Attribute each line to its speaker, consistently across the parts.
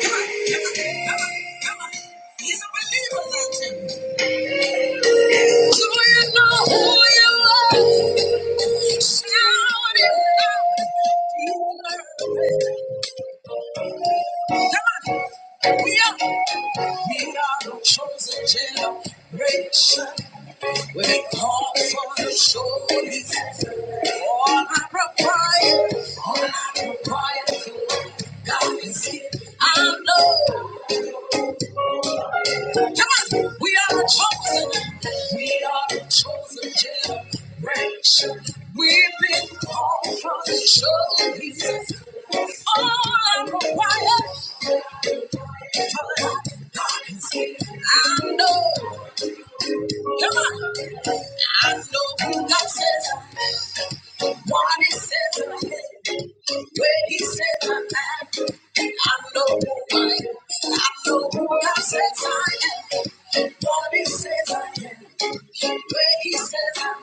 Speaker 1: Come on, come on, come on. come on. He's a believer, not Do you know who you are? Shout it out. He's worthy. Come on. We are, we are a chosen generation. We are called for the shoulders. All I require, all I require, God is here. I know. Come on, we are chosen. We are the chosen generation. We've been called from the chosen pieces. All I require God, a lot I know. Come on, I know who God says. What he says I am. Where he says I am. And I know who I am. I know who God says I am. What he says I am. Where he says I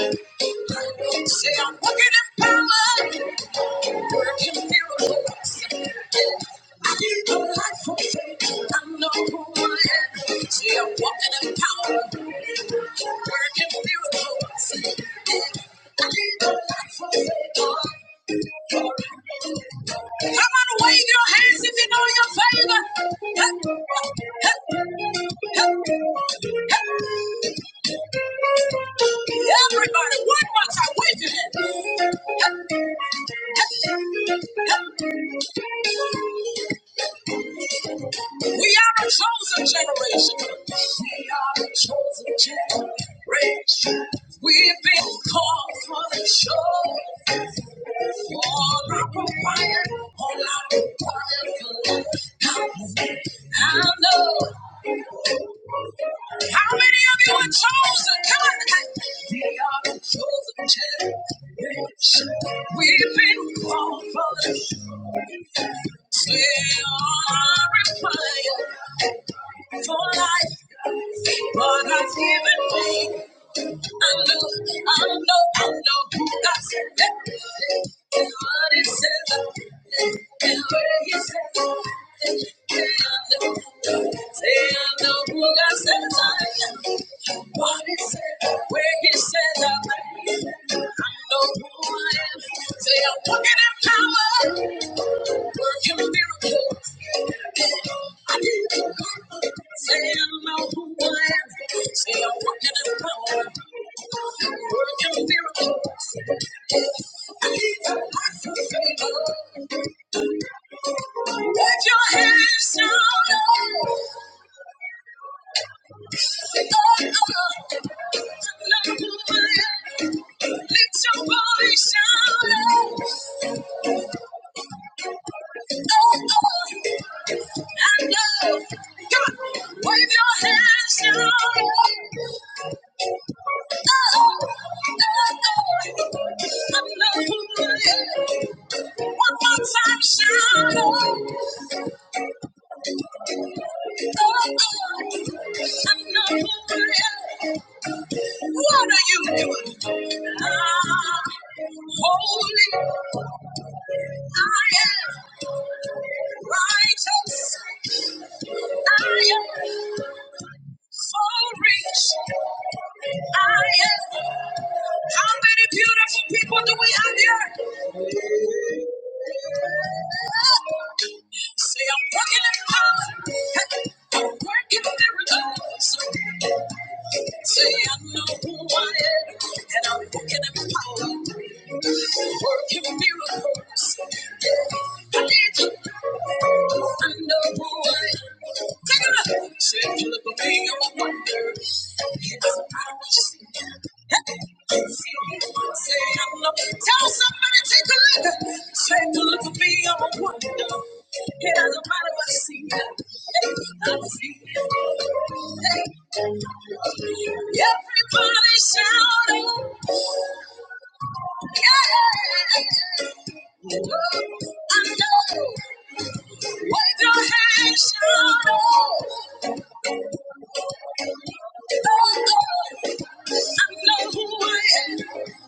Speaker 1: am. I know. Say I'm walking in power. Working miracles. I need Come on, wave your hands if you know your favor. Everybody, one more time, wave your hand. Hey, hey, hey. We are the chosen generation. We are the chosen generation. We've been called for the show. All I require, all I require I know. How many of you are chosen? Come on. We are the chosen generation. We've been called for the show. Say all I fire for life. what I've given me. I know, I know, I know. God said And what he said, and where he said, and I know. Say I know who God said I am. What he said, where he said I am. No one. They are walking in power, working miracles. I need to know. Say no one. They are walking in power, working miracles. I need to know. Let your hands down. Say God, I know who I am. Let your voice shout. Oh, oh. oh. I know. Come on, wave your hands now. oh oh, oh I know who I am. One more time, shout. Oh, oh, I know who I am. What are you doing? I'm holy. I am righteous. I am. So rich I am. How many beautiful people do we have here? Say, I'm working in power. Hey, I'm working miracles. Say I know who I am, and I'm walking in power, working miracles. Yeah, I need you. I know who I am. Take it up. Say, Philip, I'm a wonder. Because I don't just Say I'm the tell somebody take a look. Take a look at me, I'm a wonder. It doesn't matter what you see. Hey, I'm a see. Hey. Everybody shout yeah. I know. Wave your hands, shout I know who I am.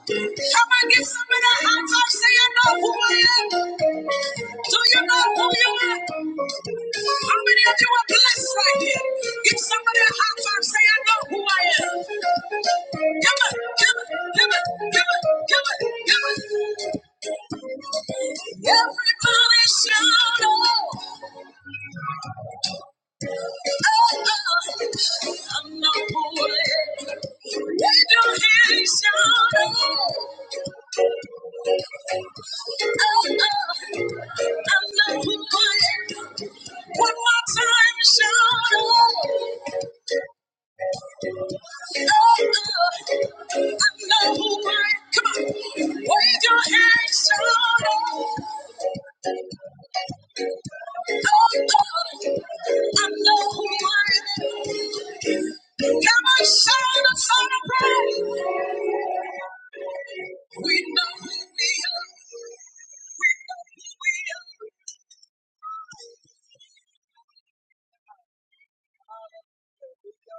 Speaker 1: Come on, give somebody a high five. Say, I know who I am. Do you know who you are? How many of you are blessed right here? Give somebody a high five. Say, I know who I am. Give it, give it, give it, give it, give it, give it. Everybody shout out. Oh, oh, I know who I am. Did you hear me shout out? We know who we are. We know who we are. Hallelujah.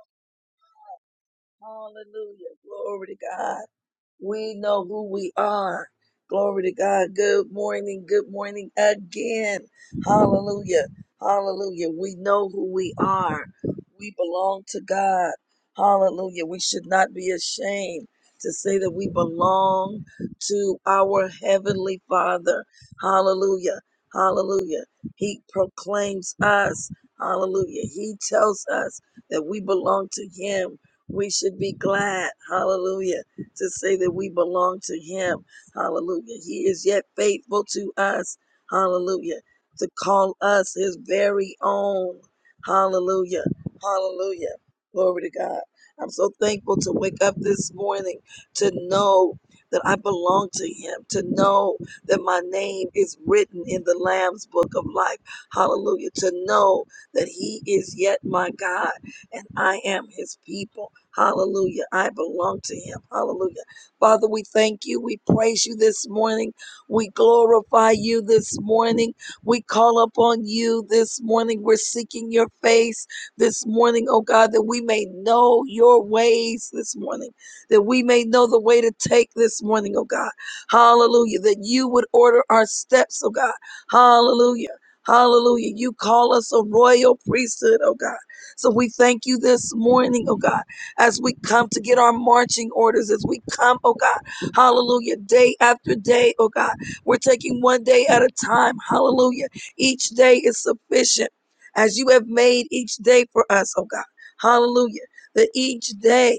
Speaker 1: to say that we belong to him. Hallelujah. He is yet faithful to us. Hallelujah. To call us his very own. Hallelujah. Hallelujah. Glory to God. I'm so thankful to wake up this morning to know that I belong to him, to know that my name is written in the Lamb's book of life. Hallelujah. To know that he is yet my God and I am his people. Hallelujah. I belong to him. Hallelujah. Father, we thank you. We praise you this morning. We glorify you this morning. We call upon you this morning. We're seeking your face this morning, oh God, that we may know your ways this morning, that we may know the way to take this morning, oh God. Hallelujah. That you would order our steps, oh God. Hallelujah. Hallelujah. You call us a royal priesthood, oh God. So we thank you this morning, oh God as we come to get our marching orders, as we come, oh God, hallelujah, day after day, oh God. We're taking one day at a time, hallelujah. Each day is sufficient as you have made each day for us, oh God, hallelujah. That each day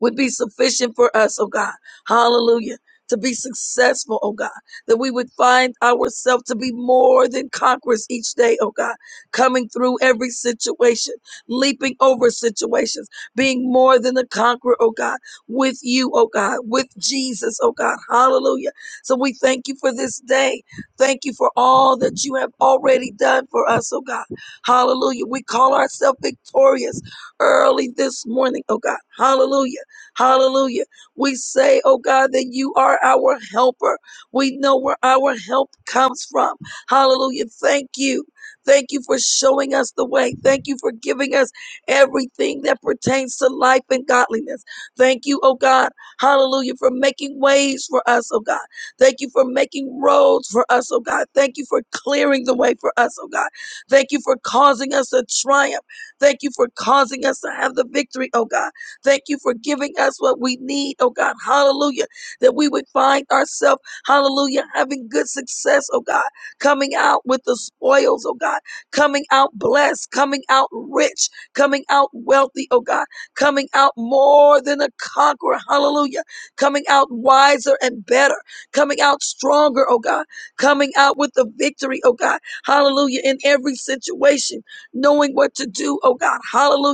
Speaker 1: would be sufficient for us, oh God. Hallelujah. To be successful, oh God, that we would find ourselves to be more than conquerors each day, oh God, coming through every situation, leaping over situations, being more than a conqueror, oh God, with you, oh God, with Jesus, oh God, hallelujah. So we thank you for this day. Thank you for all that you have already done for us, oh God. Hallelujah. We call ourselves victorious early this morning, oh God. Hallelujah. Hallelujah. We say, oh God, that you are our helper. We know where our help comes from. Hallelujah. Thank you. Thank you for showing us the way. Thank you for giving us everything that pertains to life and godliness. Thank you, oh God. Hallelujah. For making ways for us, oh God. Thank you for making roads for us, oh God. Thank you for clearing the way for us, oh God. Thank you for causing us to triumph. Thank you for causing us to have the victory, oh God. Thank you for giving us what we need, oh God. Hallelujah. That we would find ourselves, hallelujah, having good success, oh God. Coming out with the spoils, oh God. Coming out blessed, coming out rich, coming out wealthy, oh God. Coming out more than a conqueror, hallelujah. Coming out wiser and better, coming out stronger, oh God. Coming out with the victory, oh God. Hallelujah. In every situation, knowing what to do, oh God. Hallelujah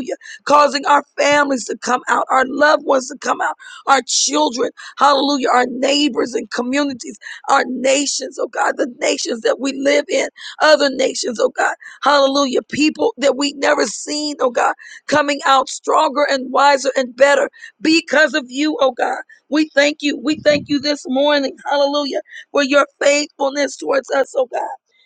Speaker 1: causing our families to come out, our loved ones to come out, our children, hallelujah, our neighbors and communities, our nations, oh God, the nations that we live in, other nations, oh God, hallelujah, people that we never seen, oh God, coming out stronger and wiser and better because of you, oh God. We thank you. We thank you this morning, hallelujah, for your faithfulness towards us, oh God.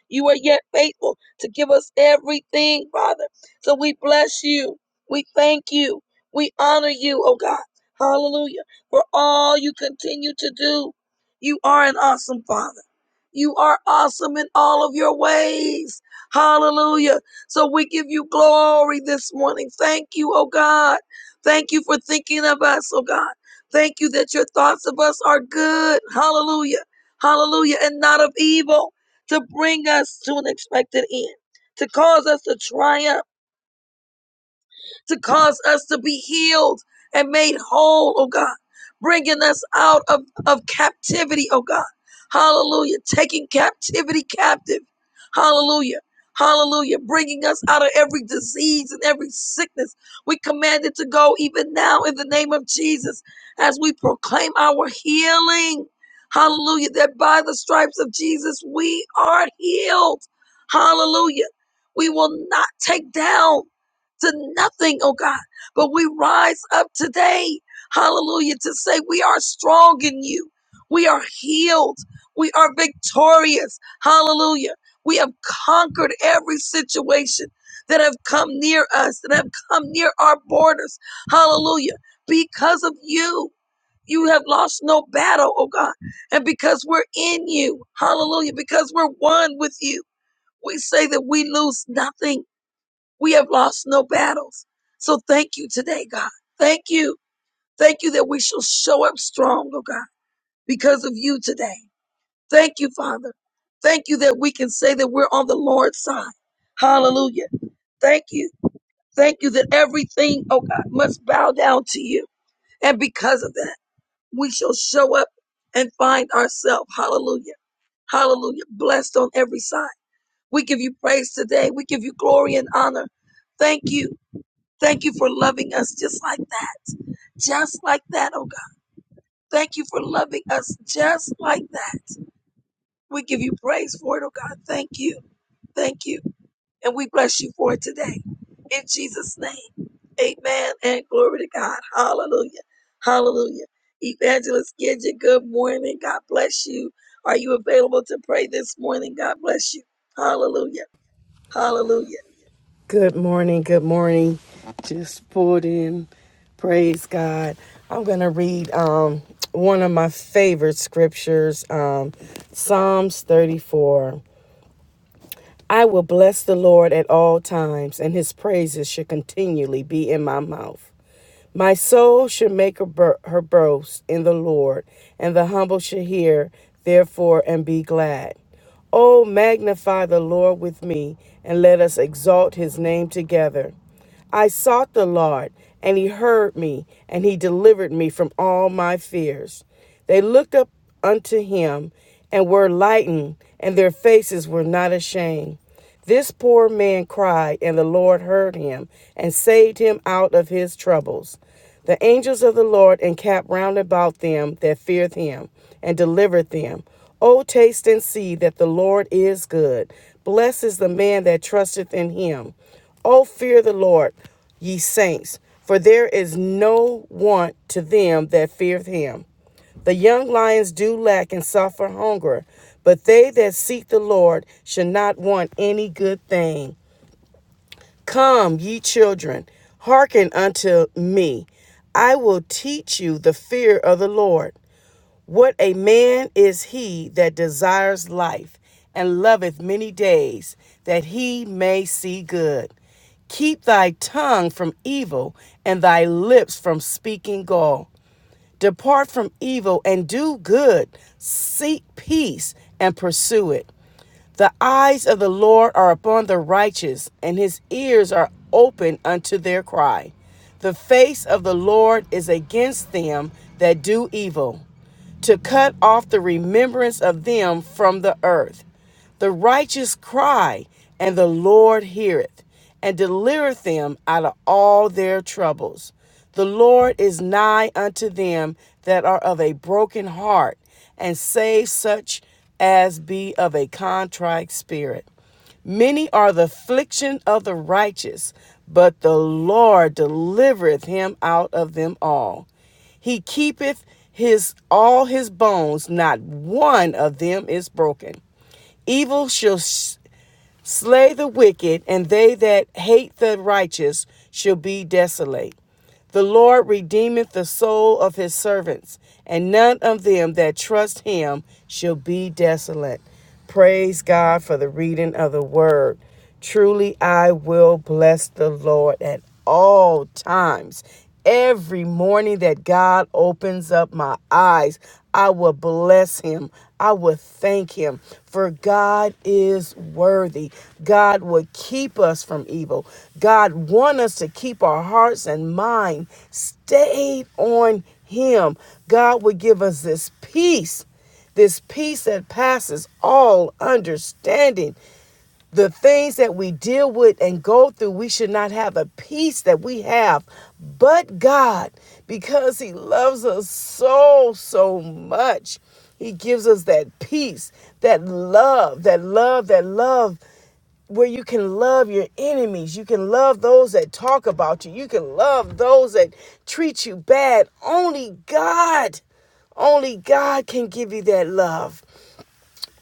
Speaker 1: You are yet faithful to give us everything, Father. So we bless you. We thank you. We honor you, oh God. Hallelujah. For all you continue to do. You are an awesome Father. You are awesome in all of your ways. Hallelujah. So we give you glory this morning. Thank you, oh God. Thank you for thinking of us, oh God. Thank you that your thoughts of us are good. Hallelujah. Hallelujah. And not of evil to bring us to an expected end, to cause us to triumph to cause us to be healed and made whole, oh God, bringing us out of, of captivity, oh God. Hallelujah. Taking captivity captive. Hallelujah. Hallelujah. Bringing us out of every disease and every sickness. We command it to go even now in the name of Jesus as we proclaim our healing. Hallelujah. That by the stripes of Jesus, we are healed. Hallelujah. We will not take down to nothing, oh God. But we rise up today, hallelujah, to say we are strong in you. We are healed. We are victorious. Hallelujah. We have conquered every situation that have come near us, that have come near our borders. Hallelujah. Because of you, you have lost no battle, oh God. And because we're in you, hallelujah, because we're one with you, we say that we lose nothing we have lost no battles. So thank you today, God. Thank you. Thank you that we shall show up strong, oh God, because of you today. Thank you, Father. Thank you that we can say that we're on the Lord's side. Hallelujah. Thank you. Thank you that everything, oh God, must bow down to you. And because of that, we shall show up and find ourselves. Hallelujah. Hallelujah. Blessed on every side. We give you praise today. We give you glory and honor. Thank you. Thank you for loving us just like that. Just like that, oh God. Thank you for loving us just like that. We give you praise for it, oh God. Thank you. Thank you. And we bless you for it today. In Jesus' name. Amen. And glory to God. Hallelujah. Hallelujah. Evangelist Gidget, good morning. God bless you. Are you available to pray this morning? God bless you. Hallelujah. Hallelujah.
Speaker 2: Good morning, good morning. Just pulled in. Praise God. I'm going to read um, one of my favorite scriptures um, Psalms 34. I will bless the Lord at all times, and his praises should continually be in my mouth. My soul shall make her, bur- her boast in the Lord, and the humble shall hear, therefore, and be glad. Oh, magnify the Lord with me, and let us exalt his name together. I sought the Lord, and he heard me, and he delivered me from all my fears. They looked up unto him and were lightened, and their faces were not ashamed. This poor man cried, and the Lord heard him and saved him out of his troubles. The angels of the Lord encamped round about them that feared him and delivered them. O taste and see that the Lord is good. Blessed is the man that trusteth in him. O fear the Lord, ye saints, for there is no want to them that feareth him. The young lions do lack and suffer hunger, but they that seek the Lord shall not want any good thing. Come, ye children, hearken unto me. I will teach you the fear of the Lord. What a man is he that desires life and loveth many days, that he may see good. Keep thy tongue from evil and thy lips from speaking gall. Depart from evil and do good. Seek peace and pursue it. The eyes of the Lord are upon the righteous, and his ears are open unto their cry. The face of the Lord is against them that do evil, to cut off the remembrance of them from the earth. The righteous cry, and the Lord heareth, and delivereth them out of all their troubles. The Lord is nigh unto them that are of a broken heart, and save such as be of a contrite spirit. Many are the affliction of the righteous, but the Lord delivereth him out of them all. He keepeth his all his bones, not one of them is broken. Evil shall s- slay the wicked, and they that hate the righteous shall be desolate. The Lord redeemeth the soul of his servants, and none of them that trust him shall be desolate. Praise God for the reading of the word. Truly, I will bless the Lord at all times. Every morning that God opens up my eyes, I will bless him. I will thank him. For God is worthy. God will keep us from evil. God want us to keep our hearts and mind stayed on him. God will give us this peace this peace that passes all understanding the things that we deal with and go through, we should not have a peace that we have but God because He loves us so, so much. He gives us that peace, that love, that love, that love where you can love your enemies. You can love those that talk about you. You can love those that treat you bad. Only God, only God can give you that love.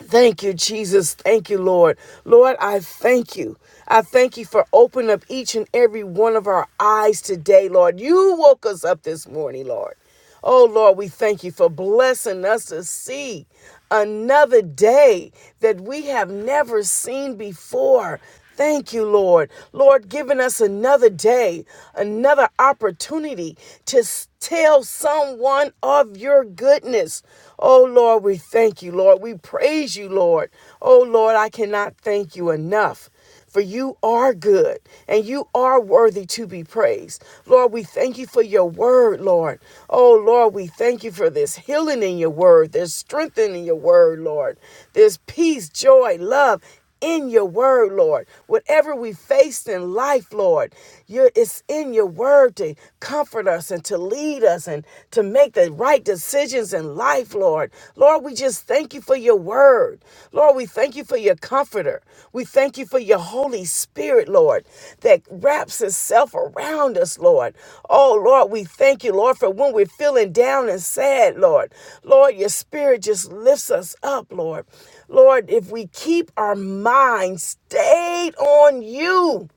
Speaker 2: Thank you, Jesus. Thank you, Lord. Lord, I thank you. I thank you for opening up each and every one of our eyes today, Lord. You woke us up this morning, Lord. Oh, Lord, we thank you for blessing us to see another day that we have never seen before. Thank you, Lord. Lord, giving us another day, another opportunity to tell someone of your goodness. Oh, Lord, we thank you, Lord. We praise you, Lord. Oh, Lord, I cannot thank you enough. For you are good and you are worthy to be praised. Lord, we thank you for your word, Lord. Oh, Lord, we thank you for this healing in your word, There's strength in your word, Lord. There's peace, joy, love, in your word, Lord. Whatever we faced in life, Lord, you're, it's in your word to comfort us and to lead us and to make the right decisions in life, Lord. Lord, we just thank you for your word. Lord, we thank you for your comforter. We thank you for your Holy Spirit, Lord, that wraps itself around us, Lord. Oh, Lord, we thank you, Lord, for when we're feeling down and sad, Lord. Lord, your spirit just lifts us up, Lord. Lord, if we keep our mind stayed on you,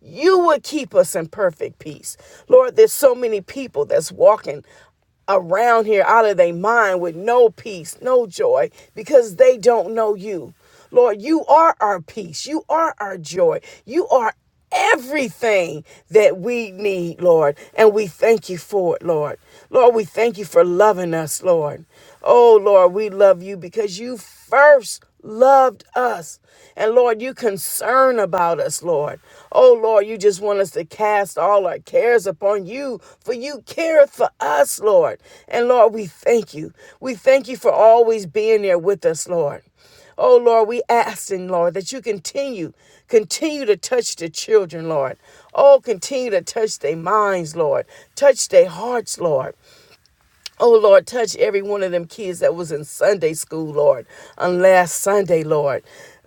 Speaker 2: you would keep us in perfect peace. Lord, there's so many people that's walking around here out of their mind with no peace, no joy, because they don't know you. Lord, you are our peace. You are our joy. You are everything that we need, Lord. And we thank you for it, Lord. Lord, we thank you for loving us, Lord. Oh, Lord, we love you because you first loved us. And Lord, you concern about us, Lord. Oh, Lord, you just want us to cast all our cares upon you, for you care for us, Lord. And Lord, we thank you. We thank you for always being there with us, Lord. Oh Lord, we asking, Lord, that you continue, continue to touch the children, Lord. Oh, continue to touch their minds, Lord. Touch their hearts, Lord. Oh Lord, touch every one of them kids that was in Sunday school, Lord, on last Sunday, Lord.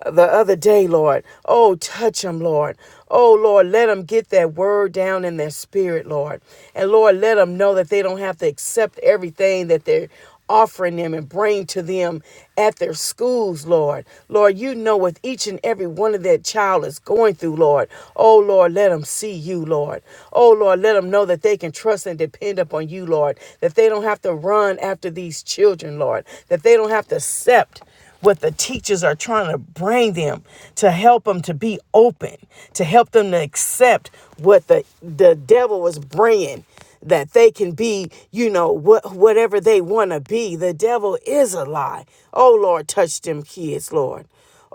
Speaker 2: The other day, Lord. Oh, touch them, Lord. Oh, Lord, let them get that word down in their spirit, Lord. And Lord, let them know that they don't have to accept everything that they're offering them and bring to them at their schools, Lord. Lord, you know what each and every one of that child is going through, Lord. Oh, Lord, let them see you, Lord. Oh, Lord, let them know that they can trust and depend upon you, Lord. That they don't have to run after these children, Lord. That they don't have to accept what the teachers are trying to bring them to help them to be open, to help them to accept what the, the devil was bringing that they can be, you know, what whatever they want to be. The devil is a lie. Oh Lord, touch them kids, Lord.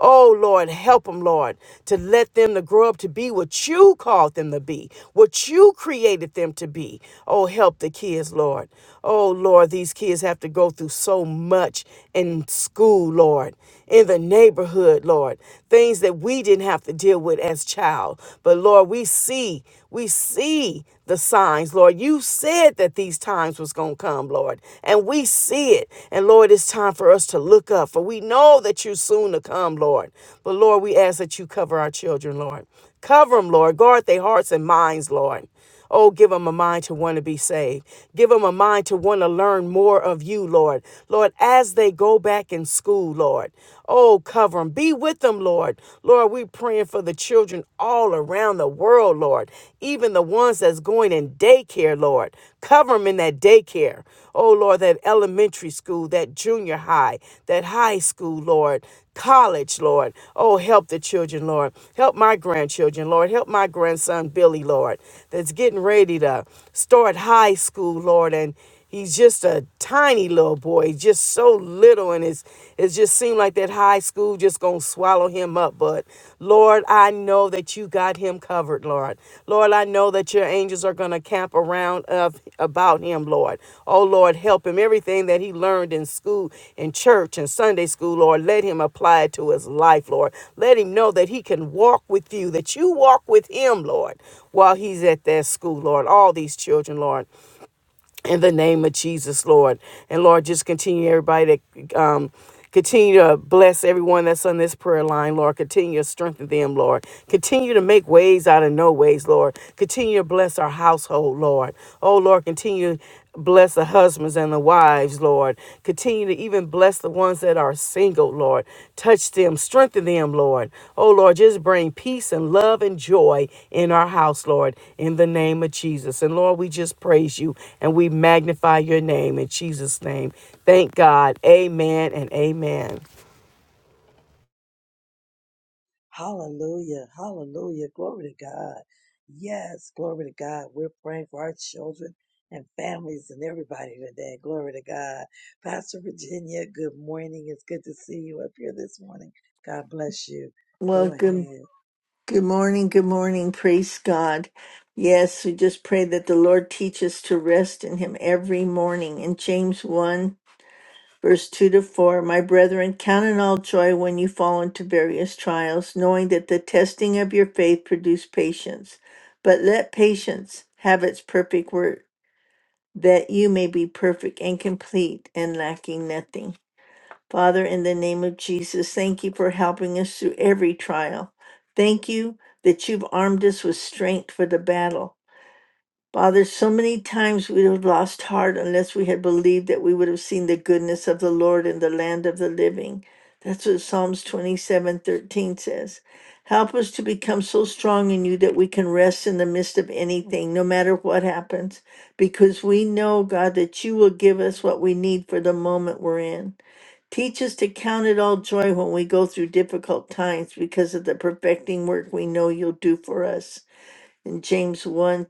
Speaker 2: Oh Lord, help them, Lord, to let them to grow up to be what you called them to be, what you created them to be. Oh, help the kids, Lord. Oh Lord, these kids have to go through so much in school, Lord, in the neighborhood, Lord. Things that we didn't have to deal with as child. But Lord, we see, we see the signs, Lord. You said that these times was going to come, Lord, and we see it. And Lord, it's time for us to look up, for we know that you're soon to come, Lord. But Lord, we ask that you cover our children, Lord. Cover them, Lord. Guard their hearts and minds, Lord. Oh, give them a mind to want to be saved. Give them a mind to want to learn more of you, Lord. Lord, as they go back in school, Lord. Oh, cover them. Be with them, Lord. Lord, we we're praying for the children all around the world, Lord, even the ones that's going in daycare, Lord. Cover them in that daycare. Oh, Lord, that elementary school, that junior high, that high school, Lord, college, Lord. Oh, help the children, Lord. Help my grandchildren, Lord. Help my grandson, Billy, Lord, that's getting ready to start high school, Lord, and He's just a tiny little boy, just so little, and it's it just seemed like that high school just gonna swallow him up. But Lord, I know that you got him covered, Lord. Lord, I know that your angels are gonna camp around of about him, Lord. Oh Lord, help him. Everything that he learned in school, in church, and Sunday school, Lord, let him apply it to his life, Lord. Let him know that he can walk with you, that you walk with him, Lord, while he's at that school, Lord. All these children, Lord in the name of Jesus, Lord. And Lord, just continue everybody to um continue to bless everyone that's on this prayer line, Lord. Continue to strengthen them, Lord. Continue to make ways out of no ways, Lord. Continue to bless our household, Lord. Oh Lord, continue. Bless the husbands and the wives, Lord. Continue to even bless the ones that are single, Lord. Touch them, strengthen them, Lord. Oh, Lord, just bring peace and love and joy in our house, Lord, in the name of Jesus. And Lord, we just praise you and we magnify your name in Jesus' name. Thank God. Amen and amen.
Speaker 3: Well, good, good morning. Good morning. Praise God. Yes, we just pray that the Lord teach us to rest in Him every morning. In James 1, verse 2 to 4, my brethren, count it all joy when you fall into various trials, knowing that the testing of your faith produce patience. But let patience have its perfect work, that you may be perfect and complete and lacking nothing. Father, in the name of Jesus, thank you for helping us through every trial. Thank you that you've armed us with strength for the battle. Father, so many times we would have lost heart unless we had believed that we would have seen the goodness of the Lord in the land of the living. That's what Psalms 27:13 says. Help us to become so strong in you that we can rest in the midst of anything, no matter what happens, because we know, God, that you will give us what we need for the moment we're in. Teach us to count it all joy when we go through difficult times because of the perfecting work we know you'll do for us. In James 1,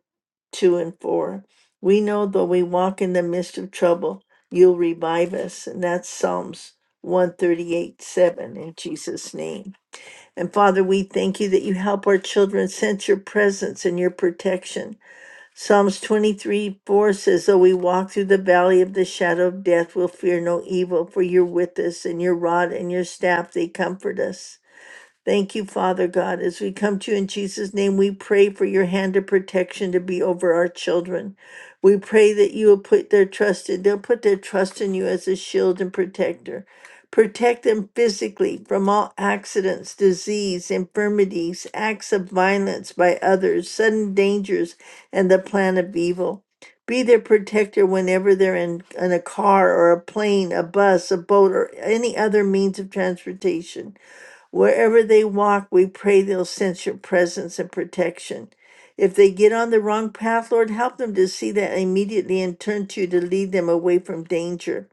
Speaker 3: 2, and 4. We know though we walk in the midst of trouble, you'll revive us. And that's Psalms 138, 7 in Jesus' name. And Father, we thank you that you help our children sense your presence and your protection. Psalms 23 4 says, Though we walk through the valley of the shadow of death, we'll fear no evil, for you're with us, and your rod and your staff, they comfort us. Thank you, Father God. As we come to you in Jesus' name, we pray for your hand of protection to be over our children. We pray that you will put their trust in, they'll put their trust in you as a shield and protector. Protect them physically from all accidents, disease, infirmities, acts of violence by others, sudden dangers, and the plan of evil. Be their protector whenever they're in, in a car or a plane, a bus, a boat, or any other means of transportation. Wherever they walk, we pray they'll sense your presence and protection. If they get on the wrong path, Lord, help them to see that immediately and turn to you to lead them away from danger.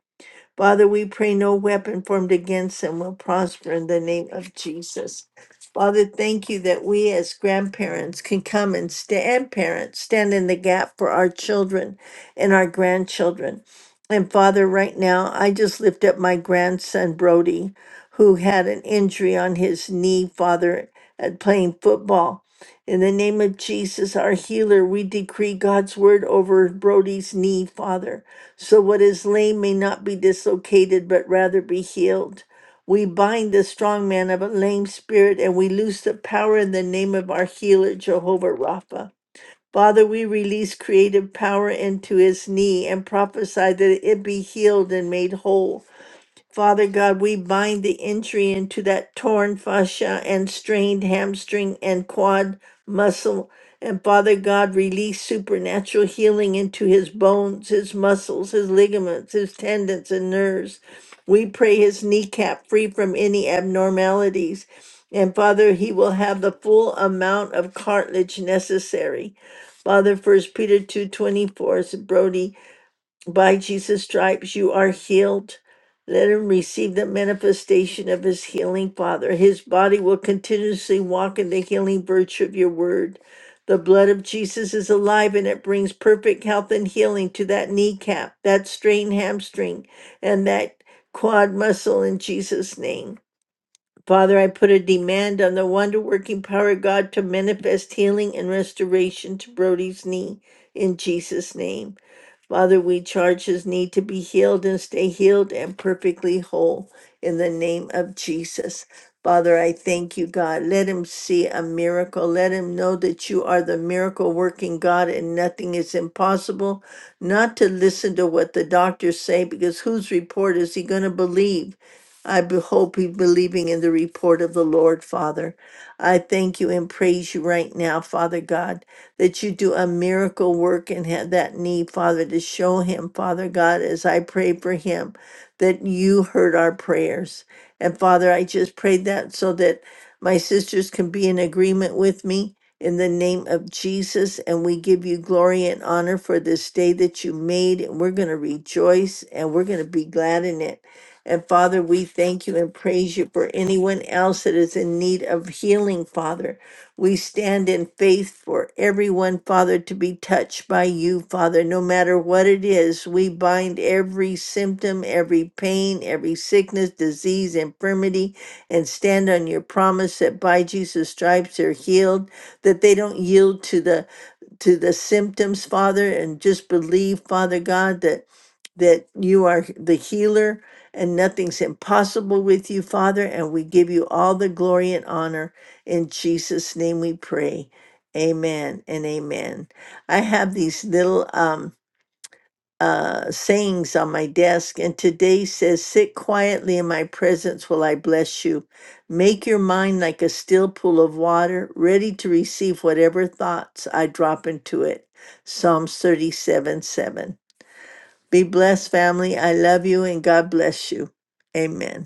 Speaker 3: Father, we pray no weapon formed against them will prosper in the name of Jesus. Father, thank you that we as grandparents can come and stand parents, stand in the gap for our children and our grandchildren. And Father, right now, I just lift up my grandson, Brody, who had an injury on his knee, Father, at playing football. In the name of Jesus, our healer, we decree God's word over Brody's knee, Father so what is lame may not be dislocated, but rather be healed. We bind the strong man of a lame spirit and we loose the power in the name of our healer, Jehovah Rapha. Father, we release creative power into his knee and prophesy that it be healed and made whole. Father God, we bind the entry into that torn fascia and strained hamstring and quad muscle. And Father God, release supernatural healing into his bones, his muscles, his ligaments, his tendons, and nerves. We pray his kneecap free from any abnormalities. And Father, he will have the full amount of cartilage necessary. Father, First Peter two twenty four 24, Brody by Jesus' stripes you are healed. Let him receive the manifestation of his healing, Father. His body will continuously walk in the healing virtue of your word. The blood of Jesus is alive and it brings perfect health and healing to that kneecap, that strained hamstring, and that quad muscle in Jesus' name. Father, I put a demand on the wonder working power of God to manifest healing and restoration to Brody's knee in Jesus' name. Father, we charge his need to be healed and stay healed and perfectly whole in the name of Jesus. Father, I thank you, God. Let him see a miracle. Let him know that you are the miracle working God and nothing is impossible. Not to listen to what the doctors say because whose report is he going to believe? I be- hope he's believing in the report of the Lord, Father. I thank you and praise you right now, Father God that you do a miracle work in ha- that knee, Father, to show him, Father God, as I pray for him, that you heard our prayers. And Father, I just prayed that so that my sisters can be in agreement with me in the name of Jesus. And we give you glory and honor for this day that you made. And we're going to rejoice and we're going to be glad in it. And Father, we thank you and praise you for anyone else that is in need of healing, Father. We stand in faith for everyone, Father, to be touched by you, Father, no matter what it is. We bind every symptom, every pain, every sickness, disease, infirmity, and stand on your promise that by Jesus' stripes they're healed, that they don't yield to the to the symptoms, Father, and just believe, Father God, that that you are the healer and nothing's impossible with you, Father, and we give you all the glory and honor. In Jesus' name we pray. Amen and amen. I have these little um uh, sayings on my desk, and today says, Sit quietly in my presence while I bless you. Make your mind like a still pool of water, ready to receive whatever thoughts I drop into it. Psalms 37 7. Be blessed, family. I love you, and God bless you. Amen.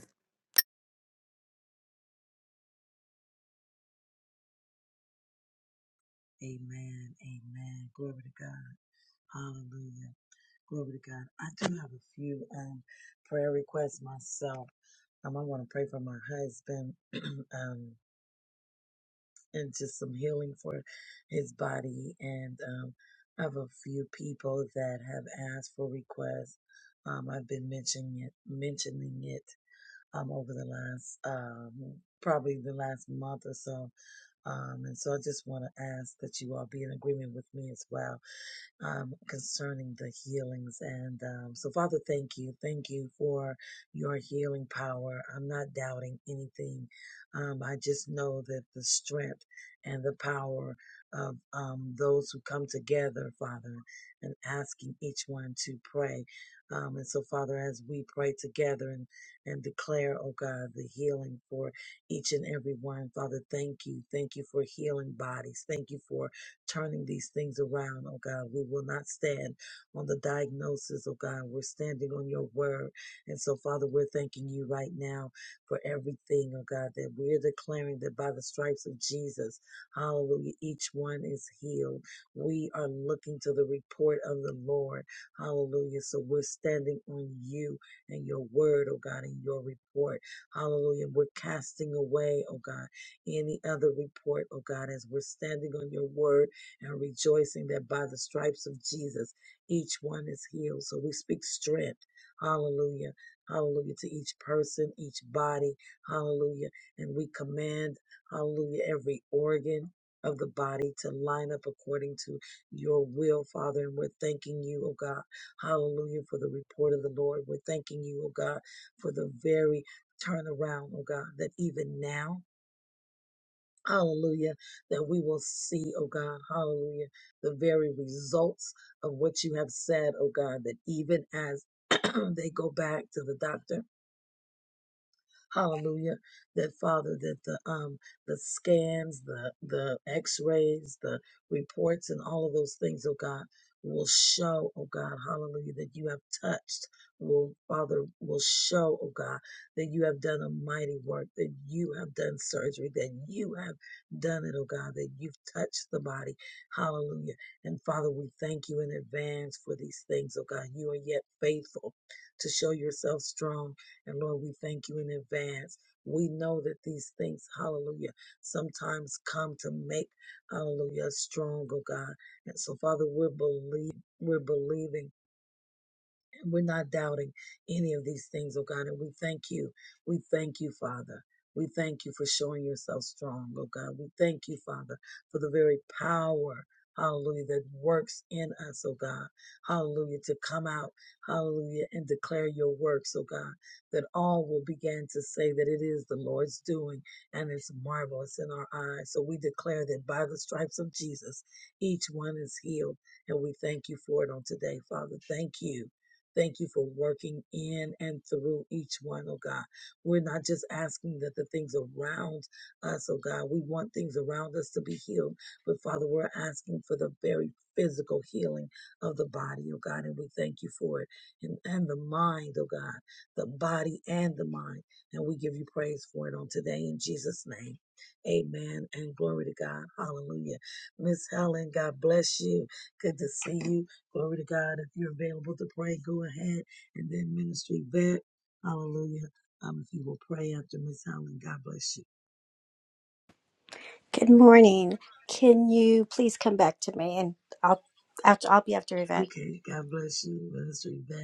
Speaker 4: Good morning. Can you please come back to me and I'll after I'll be after Yvette.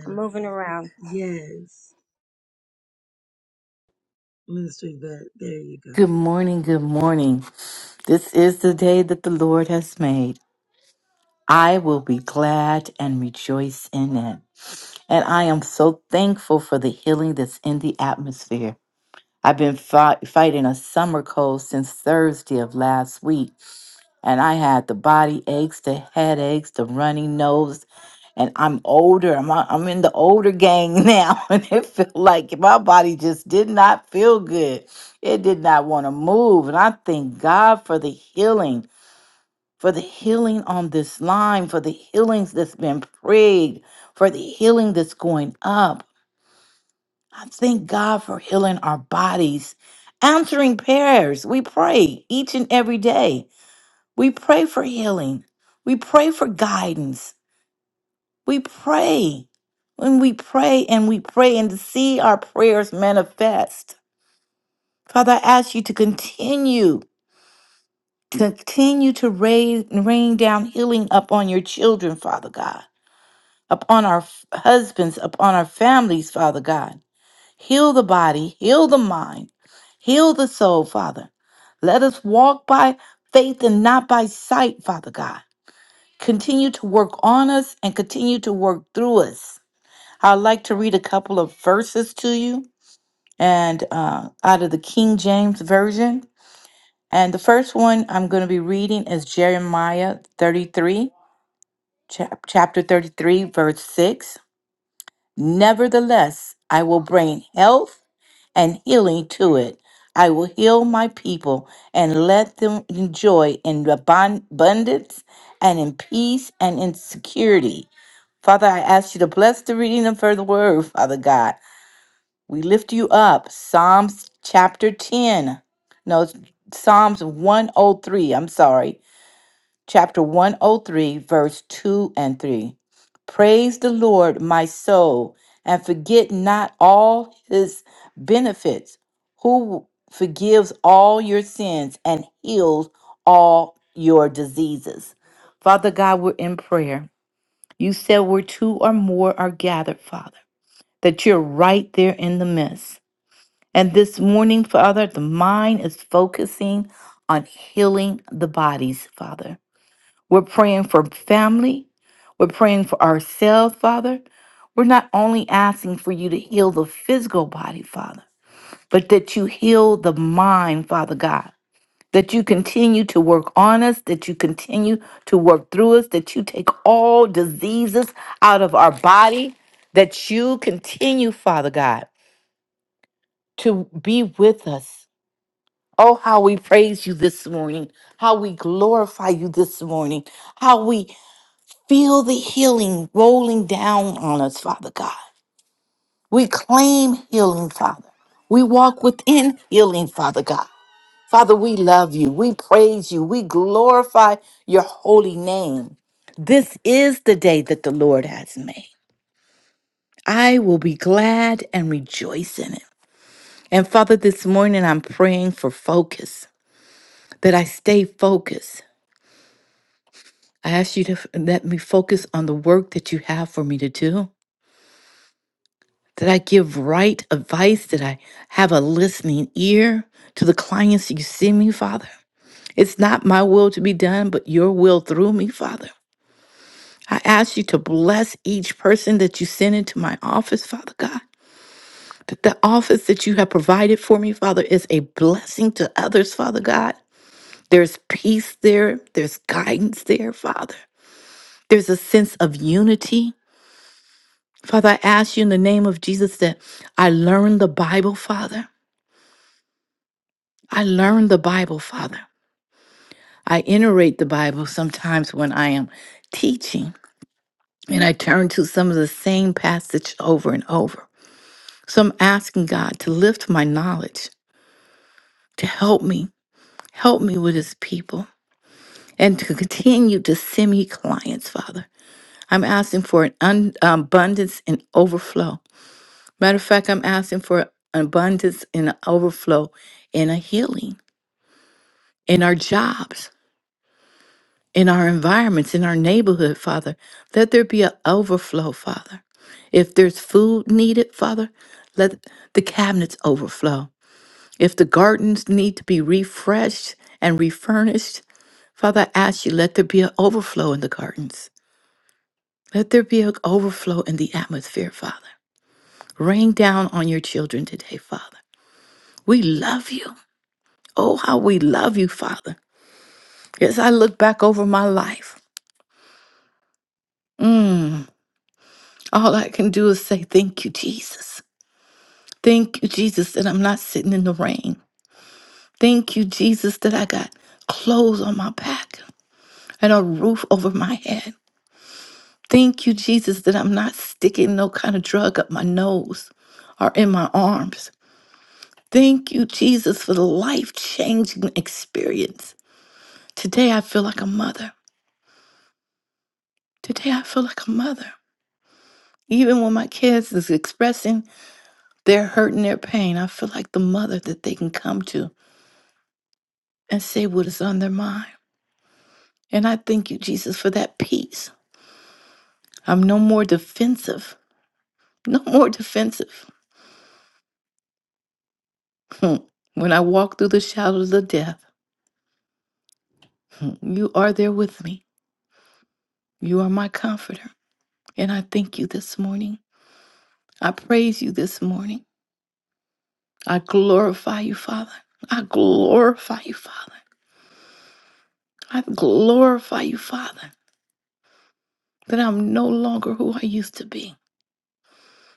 Speaker 4: I'm moving around.
Speaker 5: Good morning, good morning. This is the day that the Lord has made. I will be glad and rejoice in it. And I am so thankful for the healing that's in the atmosphere. I've been fi- fighting a summer cold since Thursday of last week and I had the body aches, the headaches, the runny nose, and I'm older. I'm a- I'm in the older gang now, and it felt like my body just did not feel good. It did not want to move, and I thank God for the healing, for the healing on this line, for the healings that's been prayed, for the healing that's going up. I thank God for healing our bodies, answering prayers. We pray each and every day. We pray for healing. We pray for guidance. We pray. When we pray and we pray and to see our prayers manifest. Father, I ask you to continue, continue to rain, rain down healing upon your children, Father God, upon our f- husbands, upon our families, Father God. Heal the body, heal the mind, heal the soul, Father. Let us walk by faith and not by sight, Father God. continue to work on us and continue to work through us. I'd like to read a couple of verses to you and uh, out of the King James Version. And the first one I'm going to be reading is Jeremiah 33, chap- chapter 33, verse 6. Nevertheless, I will bring health and healing to it. I will heal my people and let them enjoy in abun- abundance and in peace and in security. Father, I ask you to bless the reading of the word, Father God. We lift you up. Psalms chapter 10. No, it's Psalms 103. I'm sorry. Chapter 103, verse 2 and 3. Praise the Lord, my soul, and forget not all his benefits, who forgives all your sins and heals all your diseases. Father God, we're in prayer. You said where two or more are gathered, Father, that you're right there in the midst. And this morning, Father, the mind is focusing on healing the bodies, Father. We're praying for family. We're praying for ourselves, Father. We're not only asking for you to heal the physical body, Father, but that you heal the mind, Father God that you continue to work on us, that you continue to work through us, that you take all diseases out of our body, that you continue, Father God, to be with us. Oh, how we praise you this morning, how we glorify you this morning, how we feel the healing rolling down on us, Father God. We claim healing, Father. We walk within healing, Father God. Father, we love you. We praise you. We glorify your holy name. This is the day that the Lord has made. I will be glad and rejoice in it. And Father, this morning I'm praying for focus, that I stay focused. I ask you to f- let me focus on the work that you have for me to do, that I give right advice, that I have a listening ear to the clients you send me, Father. It's not my will to be done, but your will through me, Father. I ask you to bless each person that you send into my office, Father God. That the office that you have provided for me, Father, is a blessing to others, Father God. There's peace there, there's guidance there, Father. There's a sense of unity. Father, I ask you in the name of Jesus that I learn the Bible, Father. I learn the Bible, Father. I iterate the Bible sometimes when I am teaching and I turn to some of the same passage over and over. So I'm asking God to lift my knowledge, to help me, help me with his people, and to continue to send me clients, Father. I'm asking for an un- abundance and overflow. Matter of fact, I'm asking for an abundance and an overflow and a healing in our jobs, in our environments, in our neighborhood, Father. Let there be an overflow, Father. If there's food needed, Father, let the cabinets overflow. If the gardens need to be refreshed and refurnished, Father, I ask you, let there be an overflow in the gardens. Let there be an overflow in the atmosphere, Father. Rain down on your children today, Father. We love you. Oh, how we love you, Father. As I look back over my life, mm, all I can do is say, Thank you, Jesus. Thank you, Jesus, that I'm not sitting in the rain. Thank you, Jesus, that I got clothes on my back and a roof over my head. Thank you, Jesus, that I'm not sticking no kind of drug up my nose or in my arms. Thank you, Jesus, for the life changing experience. Today I feel like a mother. Today I feel like a mother. Even when my kids is expressing their hurt and their pain, I feel like the mother that they can come to and say what is on their mind. And I thank you, Jesus, for that peace. I'm no more defensive. No more defensive. when I walk through the shadows of death. You are there with me. You are my comforter. And I thank you this morning. I praise you this morning. I glorify you, Father. I glorify you, Father. I glorify you, Father, that I'm no longer who I used to be,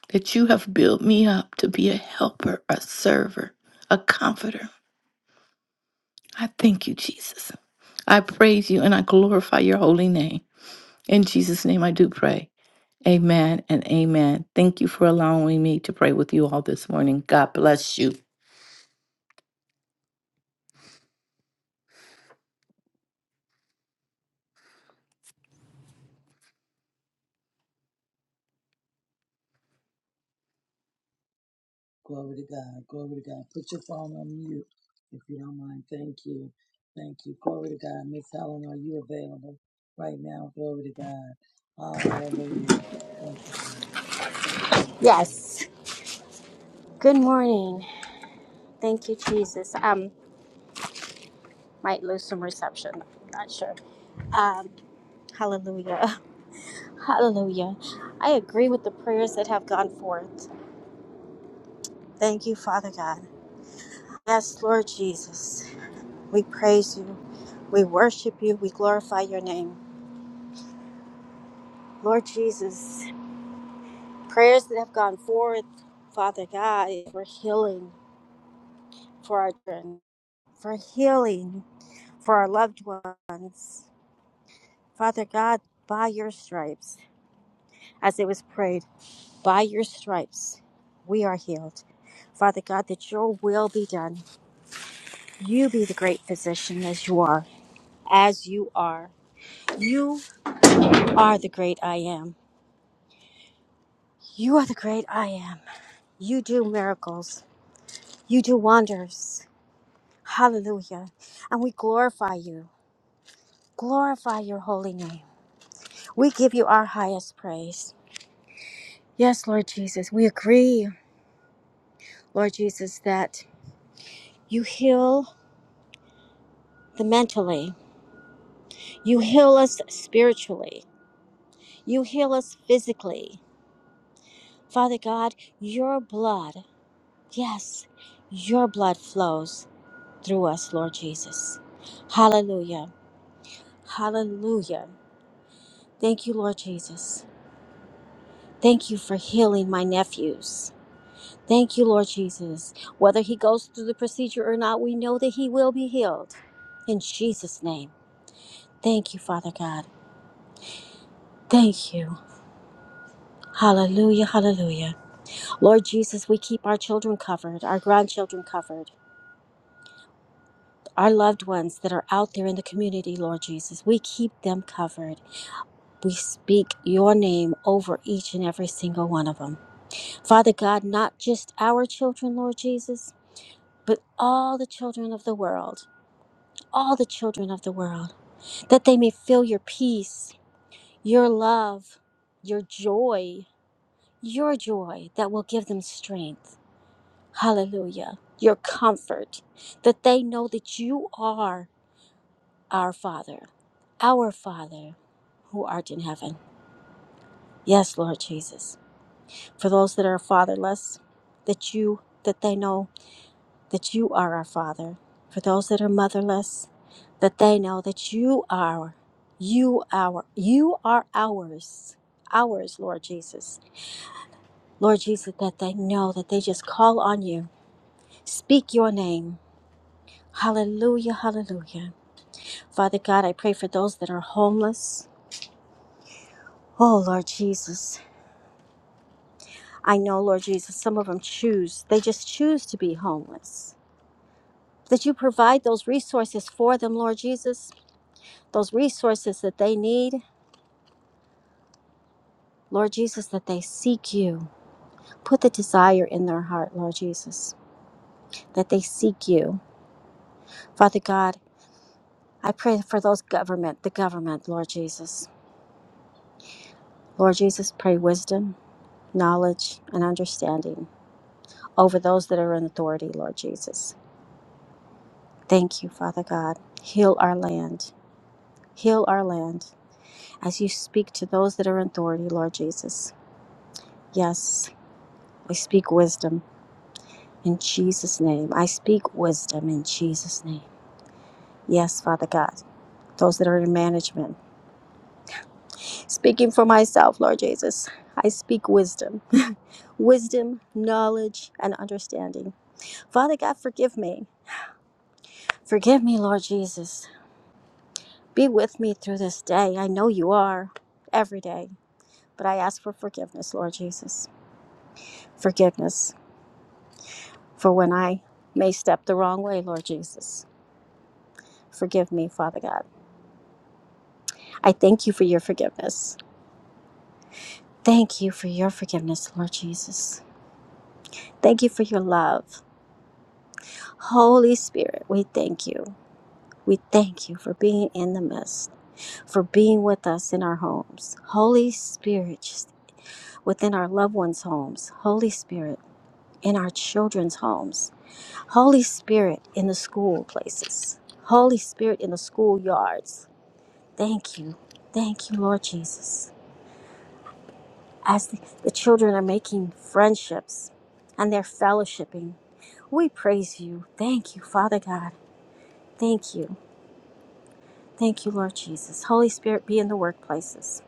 Speaker 5: that you have built me up to be a helper, a server, a comforter. I thank you, Jesus. I praise you and I glorify your holy name. In Jesus' name I do pray. Amen and amen. Thank you for allowing me to pray with you all this morning. God bless you.
Speaker 4: Yes. Good morning. Thank you, Jesus. Um, might lose some reception. I'm not sure. Um, hallelujah. Hallelujah. I agree with the prayers that have gone forth. Thank you, Father God. Yes, Lord Jesus. We praise you. We worship you. We glorify your name. Lord Jesus, prayers that have gone forth, Father God, for healing. for our children, for healing for our loved ones. Father God, by your stripes, as it was prayed, by your stripes, we are healed. Father God, that your will be done. You be the great physician as you are, as you are. You are the great I am. You are the great I am. You do miracles. You do wonders. Hallelujah. And we glorify you. Glorify your holy name. We give you our highest praise. Yes, Lord Jesus, we agree, Lord Jesus, that you heal the mentally, you heal us spiritually, you heal us physically. Father God, your blood, yes, your blood flows through us, Lord Jesus. Hallelujah. Hallelujah. Thank you, Lord Jesus. Thank you for healing my nephews. Thank you, Lord Jesus. Whether he goes through the procedure or not, we know that he will be healed. In Jesus' name. Thank you, Father God. Thank you. Hallelujah, hallelujah. Lord Jesus, we keep our children covered, our grandchildren covered, our loved ones that are out there in the community, Lord Jesus. We keep them covered. We speak your name over each and every single one of them. Father God, not just our children, Lord Jesus, but all the children of the world, all the children of the world, that they may feel your peace, your love, your joy, your joy that will give them strength. Hallelujah. Your comfort that they know that you are our Father, our Father who art in heaven. Yes, Lord Jesus. For those that are fatherless, that you that they know that you are our Father. For those that are motherless, that they know that you are you our you are ours. Ours, Lord Jesus. Lord Jesus, that they know that they just call on you Speak your name. Hallelujah, hallelujah. Father God, I pray for those that are homeless. Oh, Lord Jesus. I know, Lord Jesus, some of them choose, they just choose to be homeless. That you provide those resources for them, Lord Jesus, those resources that they need, Lord Jesus, that they seek you. Put the desire in their heart, Lord Jesus, that they seek you. Father God, I pray for those government, the government, Lord Jesus. Lord Jesus, pray wisdom. knowledge, and understanding over those that are in authority, Lord Jesus. Thank you, Father God. Heal our land. Heal our land as you speak to those that are in authority, Lord Jesus. Yes, I speak wisdom in Jesus' name. I speak wisdom in Jesus' name. Yes, Father God. Those that are in management. Speaking for myself, Lord Jesus, I speak wisdom. Wisdom, knowledge, and understanding. Father God, forgive me. Forgive me, Lord Jesus. Be with me through this day. I know you are every day, but I ask for forgiveness, Lord Jesus. Forgiveness for when I may step the wrong way, Lord Jesus. Forgive me, Father God. I thank you for your forgiveness. Thank you for your forgiveness, Lord Jesus. Thank you for your love. Holy Spirit, we thank you. We thank you for being in the midst, for being with us in our homes. Holy Spirit, just within our loved ones' homes. Holy Spirit, in our children's homes, Holy Spirit in the school places, Holy Spirit in the schoolyards. Thank you. Thank you, Lord Jesus. As the, the children are making friendships and they're fellowshipping, we praise you. Thank you, Father God. Thank you. Thank you, Lord Jesus. Holy Spirit, be in the workplaces,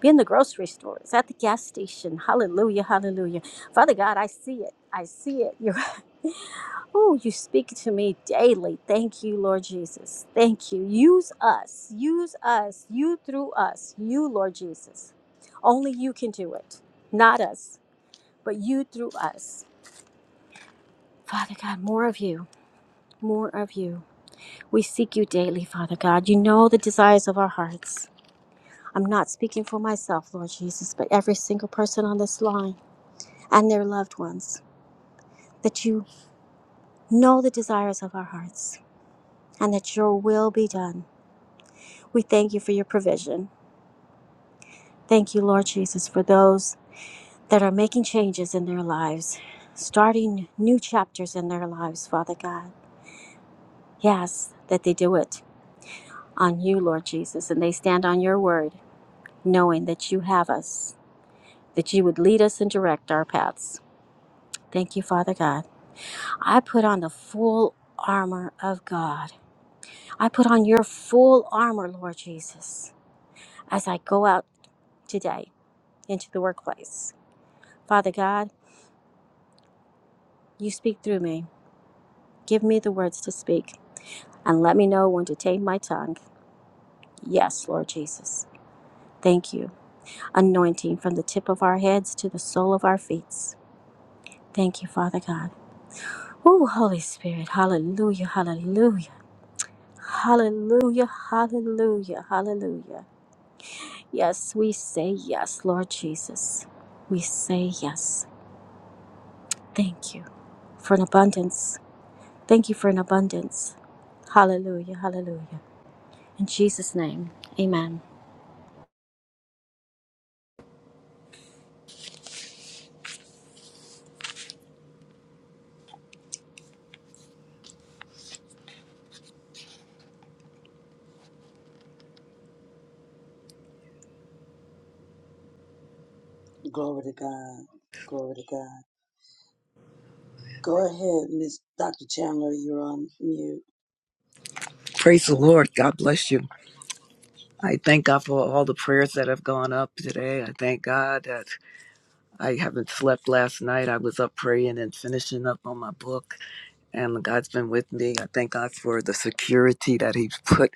Speaker 4: be in the grocery stores, at the gas station. Hallelujah, hallelujah. Father God, I see it. I see it. Oh, you speak to me daily. Thank you, Lord Jesus. Thank you. Use us. Use us. You through us. You, Lord Jesus. Only you can do it. Not us, but you through us. Father God, more of you. More of you. We seek you daily, Father God. You know the desires of our hearts. I'm not speaking for myself, Lord Jesus, but every single person on this line and their loved ones, that you know the desires of our hearts and that your will be done. We thank you for your provision. Thank you, Lord Jesus, for those that are making changes in their lives, starting new chapters in their lives, Father God. Yes, that they do it on you, Lord Jesus, and they stand on your word, knowing that you have us, that you would lead us and direct our paths. Thank you, Father God. I put on the full armor of God. I put on your full armor, Lord Jesus, as I go out today into the workplace. Father God, You speak through me. Give me the words to speak, and let me know when to tame my tongue. Yes, Lord Jesus. Thank you. Anointing from the tip of our heads to the sole of our feet. Thank you, Father God. Ooh, Holy Spirit. Hallelujah. Hallelujah. Hallelujah. Hallelujah. Hallelujah. Yes, we say yes, Lord Jesus. We say yes. Thank you for an abundance. Thank you for an abundance. Hallelujah. Hallelujah. In Jesus' name, amen.
Speaker 6: Praise the Lord. God bless you. I thank God for all the prayers that have gone up today. I thank God that I haven't slept last night. I was up praying and finishing up on my book, and God's been with me. I thank God for the security that He's put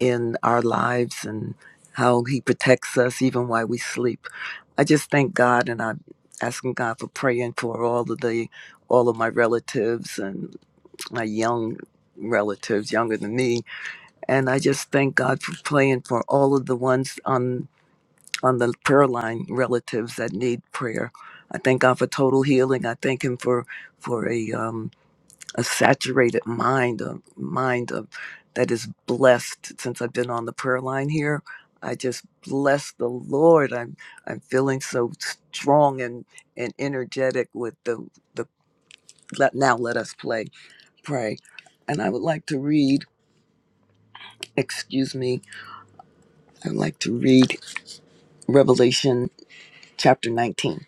Speaker 6: in our lives and how He protects us even while we sleep. I just thank God, and I'm asking God for praying for all of the all of my relatives and my young relatives younger than me and I just thank God for praying for all of the ones on on the prayer line relatives that need prayer. I thank God for total healing. I thank Him for for a um, a saturated mind, a mind of that is blessed. Since I've been on the prayer line here, I just bless the Lord. I'm I'm feeling so strong and and energetic with the the. Let, now let us play pray, and I would like to read. Excuse me. I'd like to read Revelation chapter 19.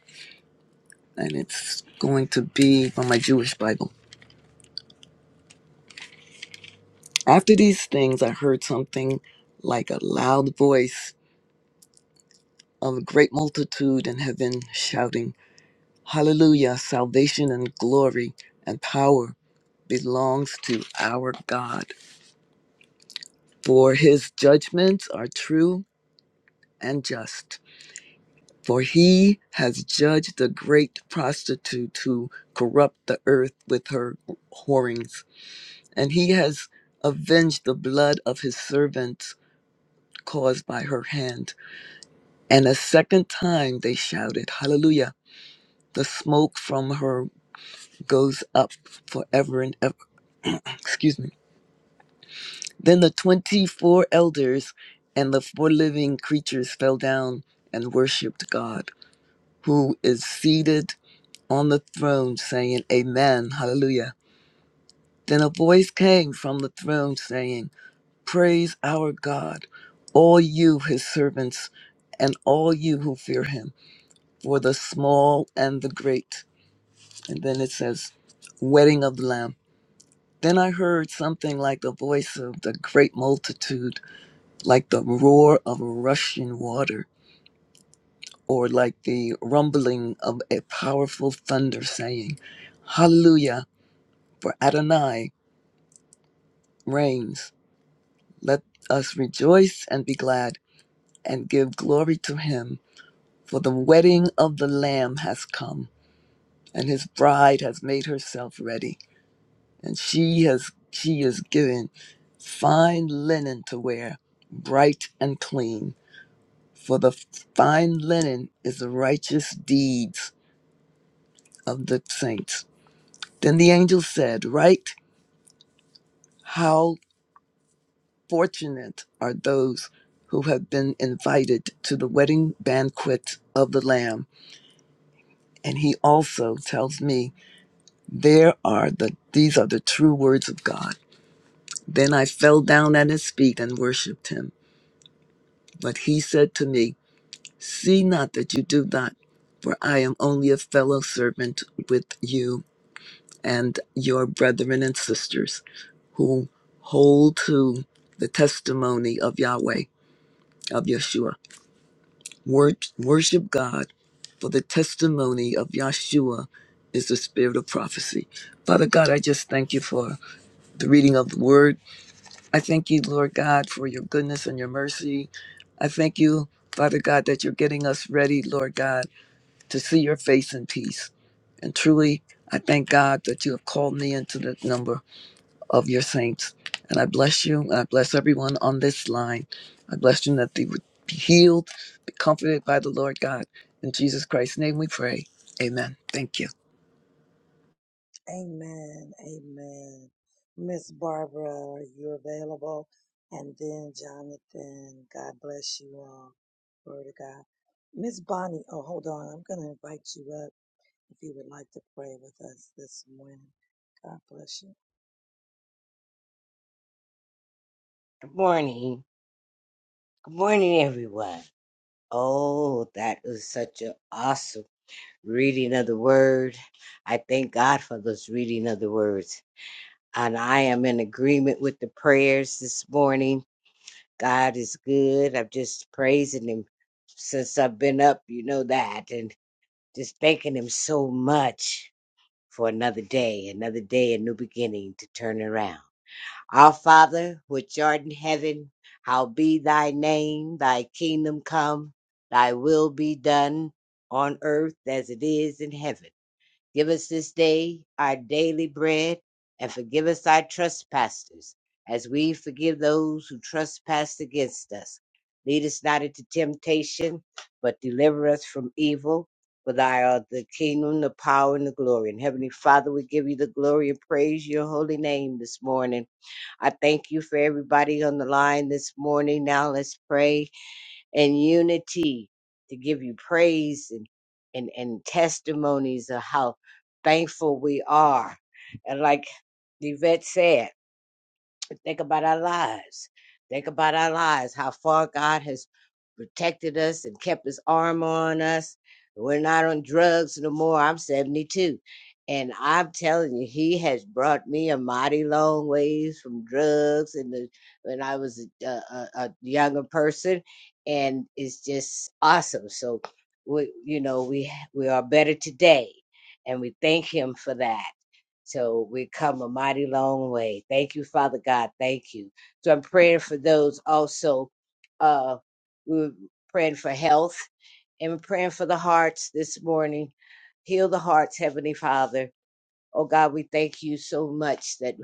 Speaker 6: And it's going to be from my Jewish Bible. After these things, I heard something like a loud voice of a great multitude in heaven shouting, Hallelujah! Salvation and glory and power belongs to our God. For his judgments are true and just. For he has judged the great prostitute who corrupt the earth with her whorings and he has avenged the blood of his servants caused by her hand. And a second time they shouted, Hallelujah. The smoke from her goes up forever and ever. Excuse me. Then the 24 elders and the four living creatures fell down and worshiped God, who is seated on the throne, saying, Amen, Hallelujah. Then a voice came from the throne saying, Praise our God, all you, his servants, and all you who fear him, for the small and the great. And then it says, Wedding of the Lamb. Then I heard something like the voice of the great multitude, like the roar of rushing water, or like the rumbling of a powerful thunder, saying, Hallelujah, for Adonai reigns. Let us rejoice and be glad and give glory to him For the wedding of the Lamb has come, and his bride has made herself ready, and she has she is given fine linen to wear, bright and clean. For the fine linen is the righteous deeds of the saints. Then the angel said, Write how fortunate are those who have been invited to the wedding banquet of the Lamb. And he also tells me There are the these are the true words of God. Then I fell down at his feet and worshipped him. But he said to me, See not that you do not, for I am only a fellow servant with you and your brethren and sisters who hold to the testimony of Yahweh, of Yeshua. Wor- worship God, for the testimony of Yeshua is the spirit of prophecy. Father God, I just thank you for the reading of the word. I thank you, Lord God, for your goodness and your mercy. I thank you, Father God, that you're getting us ready, Lord God, to see your face in peace. And truly, I thank God that you have called me into the number of your saints. And I bless you. and I bless everyone on this line. I bless you that they would be healed, be comforted by the Lord God. In Jesus Christ's name we pray. Amen. Thank you.
Speaker 7: Good morning. Good morning, everyone. Oh, that was such an awesome reading of the word. I thank God for those reading of the words. And I am in agreement with the prayers this morning. God is good. I'm just praising Him since I've been up, you know that, and just thanking Him so much for another day, another day, a new beginning to turn around. Our Father, which art in heaven, hallowed be thy name, thy kingdom come, thy will be done on earth as it is in heaven. Give us this day our daily bread, and forgive us our trespasses, as we forgive those who trespass against us. Lead us not into temptation, but deliver us from evil. For thy art the kingdom, the power, and the glory. And Heavenly Father, we give you the glory and praise your holy name this morning. I thank you for everybody on the line this morning. Now let's pray in unity to give you praise and, and, and testimonies of how thankful we are. And like Yvette said, Think about our lives. Think about our lives, how far God has protected us and kept his arm on us. We're not on drugs no more. I'm 72. And I'm telling you, he has brought me a mighty long ways from drugs and the, when I was a, a, a younger person. And it's just awesome. So, we, you know, we, we are better today. And we thank him for that. So we come a mighty long way. Thank you, Father God. Thank you. So I'm praying for those also. Uh, we are praying for health and we're praying for the hearts this morning. Heal the hearts, Heavenly Father. Oh God, we thank you so much that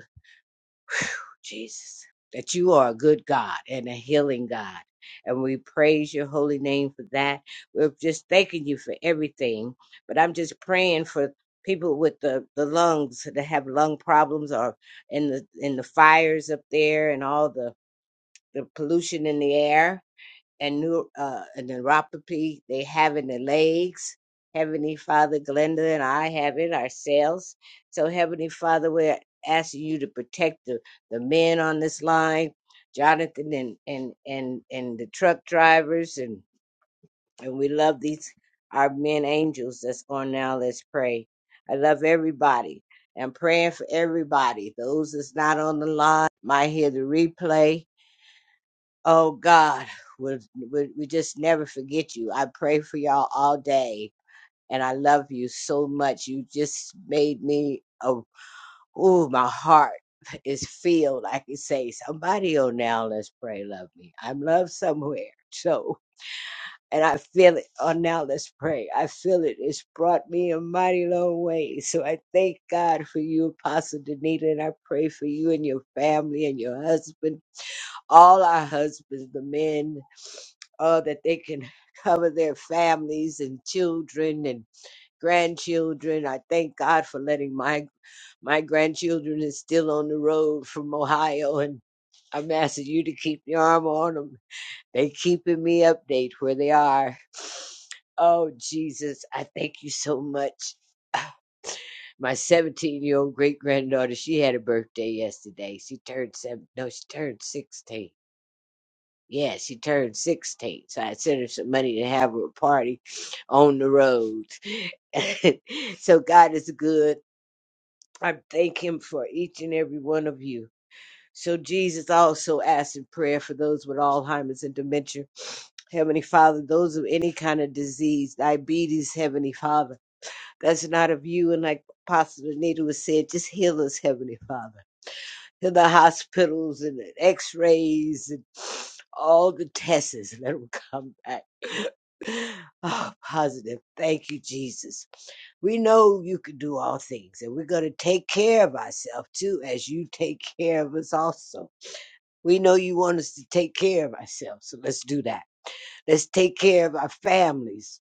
Speaker 7: Jesus, that you are a good God and a healing God. And we praise your holy name for that. We're just thanking you for everything. But I'm just praying for people with the, the lungs that have lung problems or in the in the fires up there and all the, the pollution in the air and new uh, and neuropathy they have in the legs. Heavenly Father, Glenda and I have it ourselves. So Heavenly Father, we're asking you to protect the, the men on this line, Jonathan and and and and the truck drivers and and we love these our men angels that's on now. Let's pray. I love everybody. I'm praying for everybody. Those that's not on the line might hear the replay Oh God, we, we, we just never forget you. I pray for y'all all day, and I love you so much. You just made me, oh, ooh, my heart is filled. I can say, somebody on now, let's pray, love me. I'm loved somewhere. So, and I feel it on now, let's pray. I feel it. It's brought me a mighty long way. So I thank God for you, Apostle Danita, and I pray for you and your family and your husband, all our husbands, the men uh, that they can cover their families and children and grandchildren. I thank God for letting my my grandchildren is still on the road from Ohio, and I'm asking you to keep your arm on them. They keeping me update where they are. Oh Jesus, I thank you so much. My 17 year old great granddaughter, she had a birthday yesterday. She turned seven. No, she turned 16 yeah, she turned 16, so I sent her some money to have her a party on the road. so God is good. I thank Him for each and every one of you. So Jesus also asked in prayer for those with Alzheimer's and dementia. Heavenly Father, those of any kind of disease, diabetes, Heavenly Father, that's not of you. And like Apostle Anita was said, just heal us, Heavenly Father to the hospitals and the x-rays and all the tests. Let them come back. Oh, positive. Thank you, Jesus. We know you can do all things, and we're going to take care of ourselves too, as you take care of us also. We know you want us to take care of ourselves, so let's do that. Let's take care of our families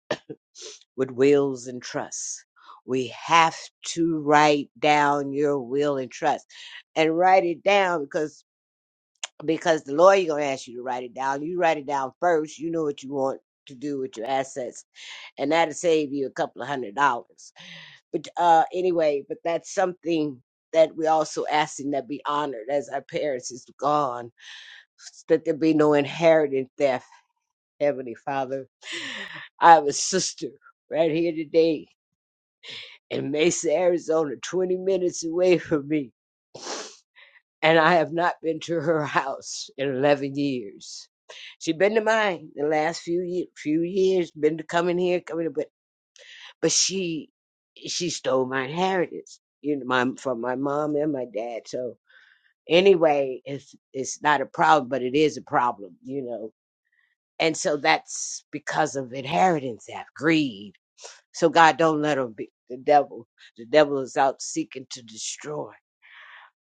Speaker 7: with wills and trusts. We have to write down your will and trust and write it down because because the lawyer gonna ask you to write it down. You write it down first. You know what you want to do with your assets, and that'll save you a couple of hundred dollars. But uh, anyway, but that's something that we also asking that be honored as our parents is gone, that there be no inherited theft. Heavenly Father, I have a sister right here today in Mesa, Arizona, 20 minutes away from me. and I have not been to her house in 11 years. She been to mine the last few year, few years, been to coming here, coming to, but but she she stole my inheritance, you know, my from my mom and my dad. So anyway, it's it's not a problem, but it is a problem, you know. And so that's because of inheritance theft, greed. So God don't let them be the devil. The devil is out seeking to destroy.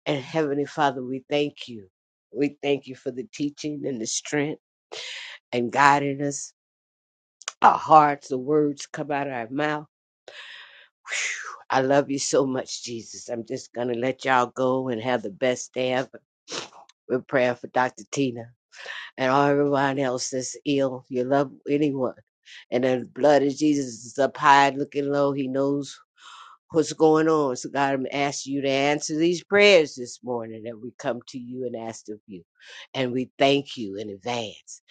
Speaker 7: And Heavenly Father, we thank you. We thank you for the teaching and the strength and guiding us, our hearts, the words come out of our mouth. Whew. I love you so much, Jesus. I'm just going to let y'all go and have the best day ever. We're praying for Dr. Tina and all everyone else that's ill. You love anyone. And the blood of Jesus is up high, looking low. He knows. what's going on. So God, I'm asking you to answer these prayers this morning that we come to you and ask of you. And we thank you in advance.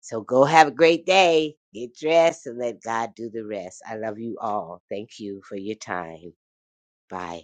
Speaker 7: So go have a great day. Get dressed and let God do the rest. I love you all. Thank you for your time. Bye.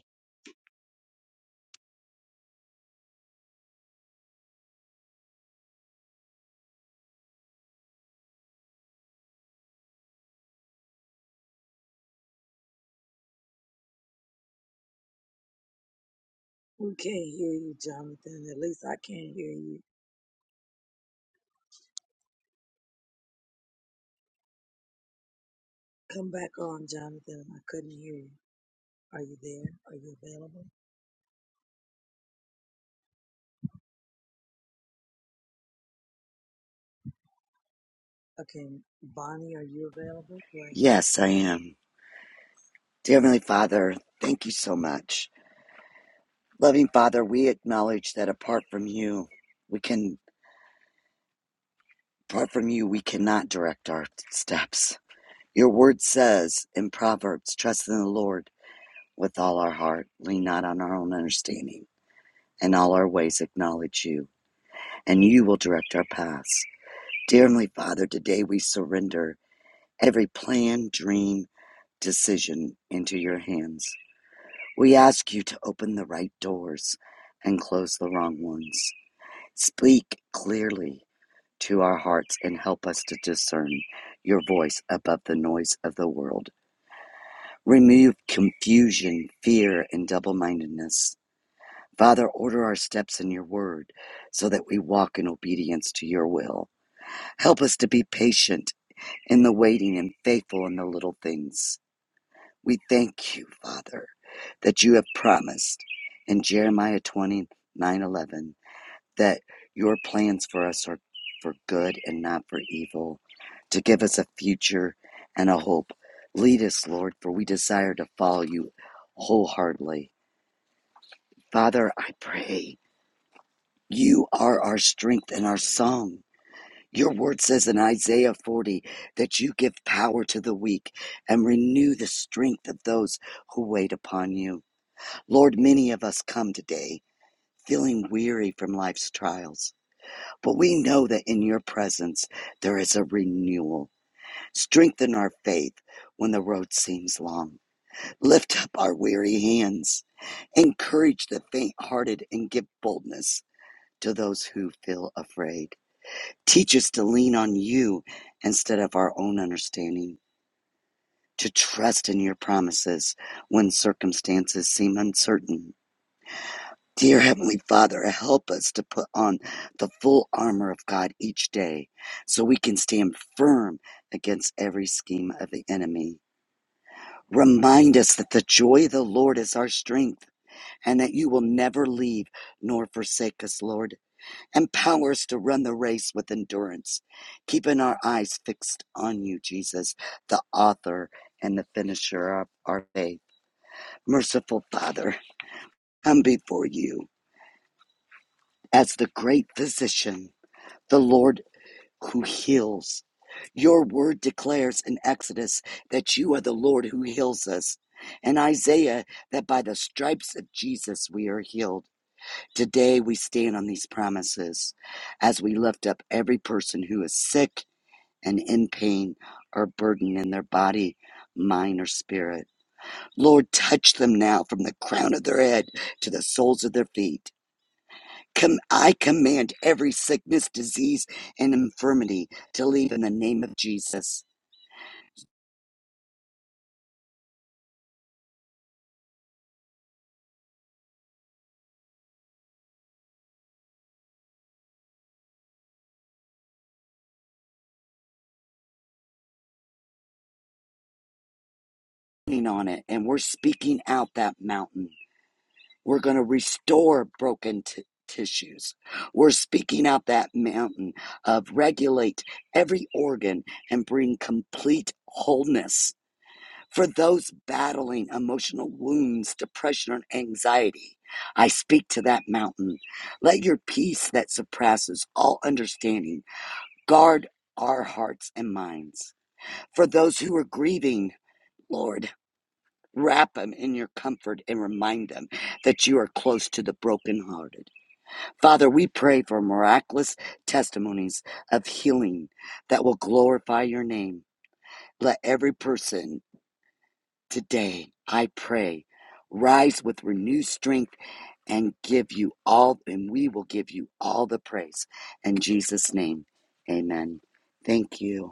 Speaker 8: Yes, I am. Dear Heavenly Father, thank you so much. Loving Father, we acknowledge that apart from you, we can apart from you we cannot direct our steps. Your word says in Proverbs, trust in the Lord with all our heart, lean not on our own understanding, and all our ways acknowledge you, and you will direct our paths. Dear Heavenly Father, today we surrender every plan, dream, decision into your hands. We ask you to open the right doors and close the wrong ones. Speak clearly to our hearts and help us to discern your voice above the noise of the world. Remove confusion, fear, and double mindedness. Father, order our steps in your word so that we walk in obedience to your will. Help us to be patient in the waiting and faithful in the little things. We thank you, Father, that you have promised in Jeremiah twenty nine eleven that your plans for us are for good and not for evil, to give us a future and a hope. Lead us, Lord, for we desire to follow you wholeheartedly. Father, I pray you are our strength and our song. Your word says in Isaiah 40 that you give power to the weak and renew the strength of those who wait upon you. Lord, many of us come today feeling weary from life's trials, but we know that in your presence there is a renewal. Strengthen our faith when the road seems long. Lift up our weary hands. Encourage the faint hearted and give boldness to those who feel afraid. Teach us to lean on you instead of our own understanding, to trust in your promises when circumstances seem uncertain Dear Heavenly Father, help us to put on the full armor of God each day so we can stand firm against every scheme of the enemy. Remind us that the joy of the Lord is our strength and that you will never leave nor forsake us, Lord. Empower us to run the race with endurance, keeping our eyes fixed on you, Jesus, the author and the finisher of our faith. Merciful Father, come before you as the great physician the Lord who heals. Your word declares in Exodus that you are the Lord who heals us. And Isaiah, that by the stripes of Jesus we are healed. Today we stand on these promises as we lift up every person who is sick and in pain or burdened in their body, mind, or spirit. Lord, touch them now from the crown of their head to the soles of their feet. Com- I command every sickness, disease, and infirmity to leave in the name of Jesus. Leaning On it, and we're speaking out that mountain. We're going to restore broken t- tissues. We're speaking out that mountain of regulate every organ and bring complete wholeness for those battling emotional wounds, depression, and anxiety. I speak to that mountain. Let your peace that surpasses all understanding Guard our hearts and minds. For those who are grieving, Lord, wrap them in your comfort and remind them that you are close to the brokenhearted. Father, we pray for miraculous testimonies of healing that will glorify your name. Let every person today, I pray, rise with renewed strength and give you all, and we will give you all the praise. In Jesus' name, amen. Thank you.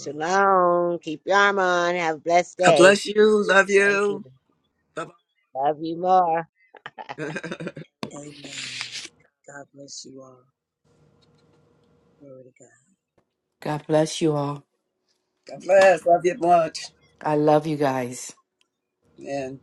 Speaker 7: Shalom. Keep your arm on. Have a blessed
Speaker 6: God
Speaker 7: day.
Speaker 6: bless you. Love
Speaker 7: Thank you.
Speaker 6: you. Bye bye.
Speaker 7: Love you more.
Speaker 6: God
Speaker 5: God bless you all.
Speaker 6: bless. Love you much.
Speaker 5: I love you guys.
Speaker 6: And.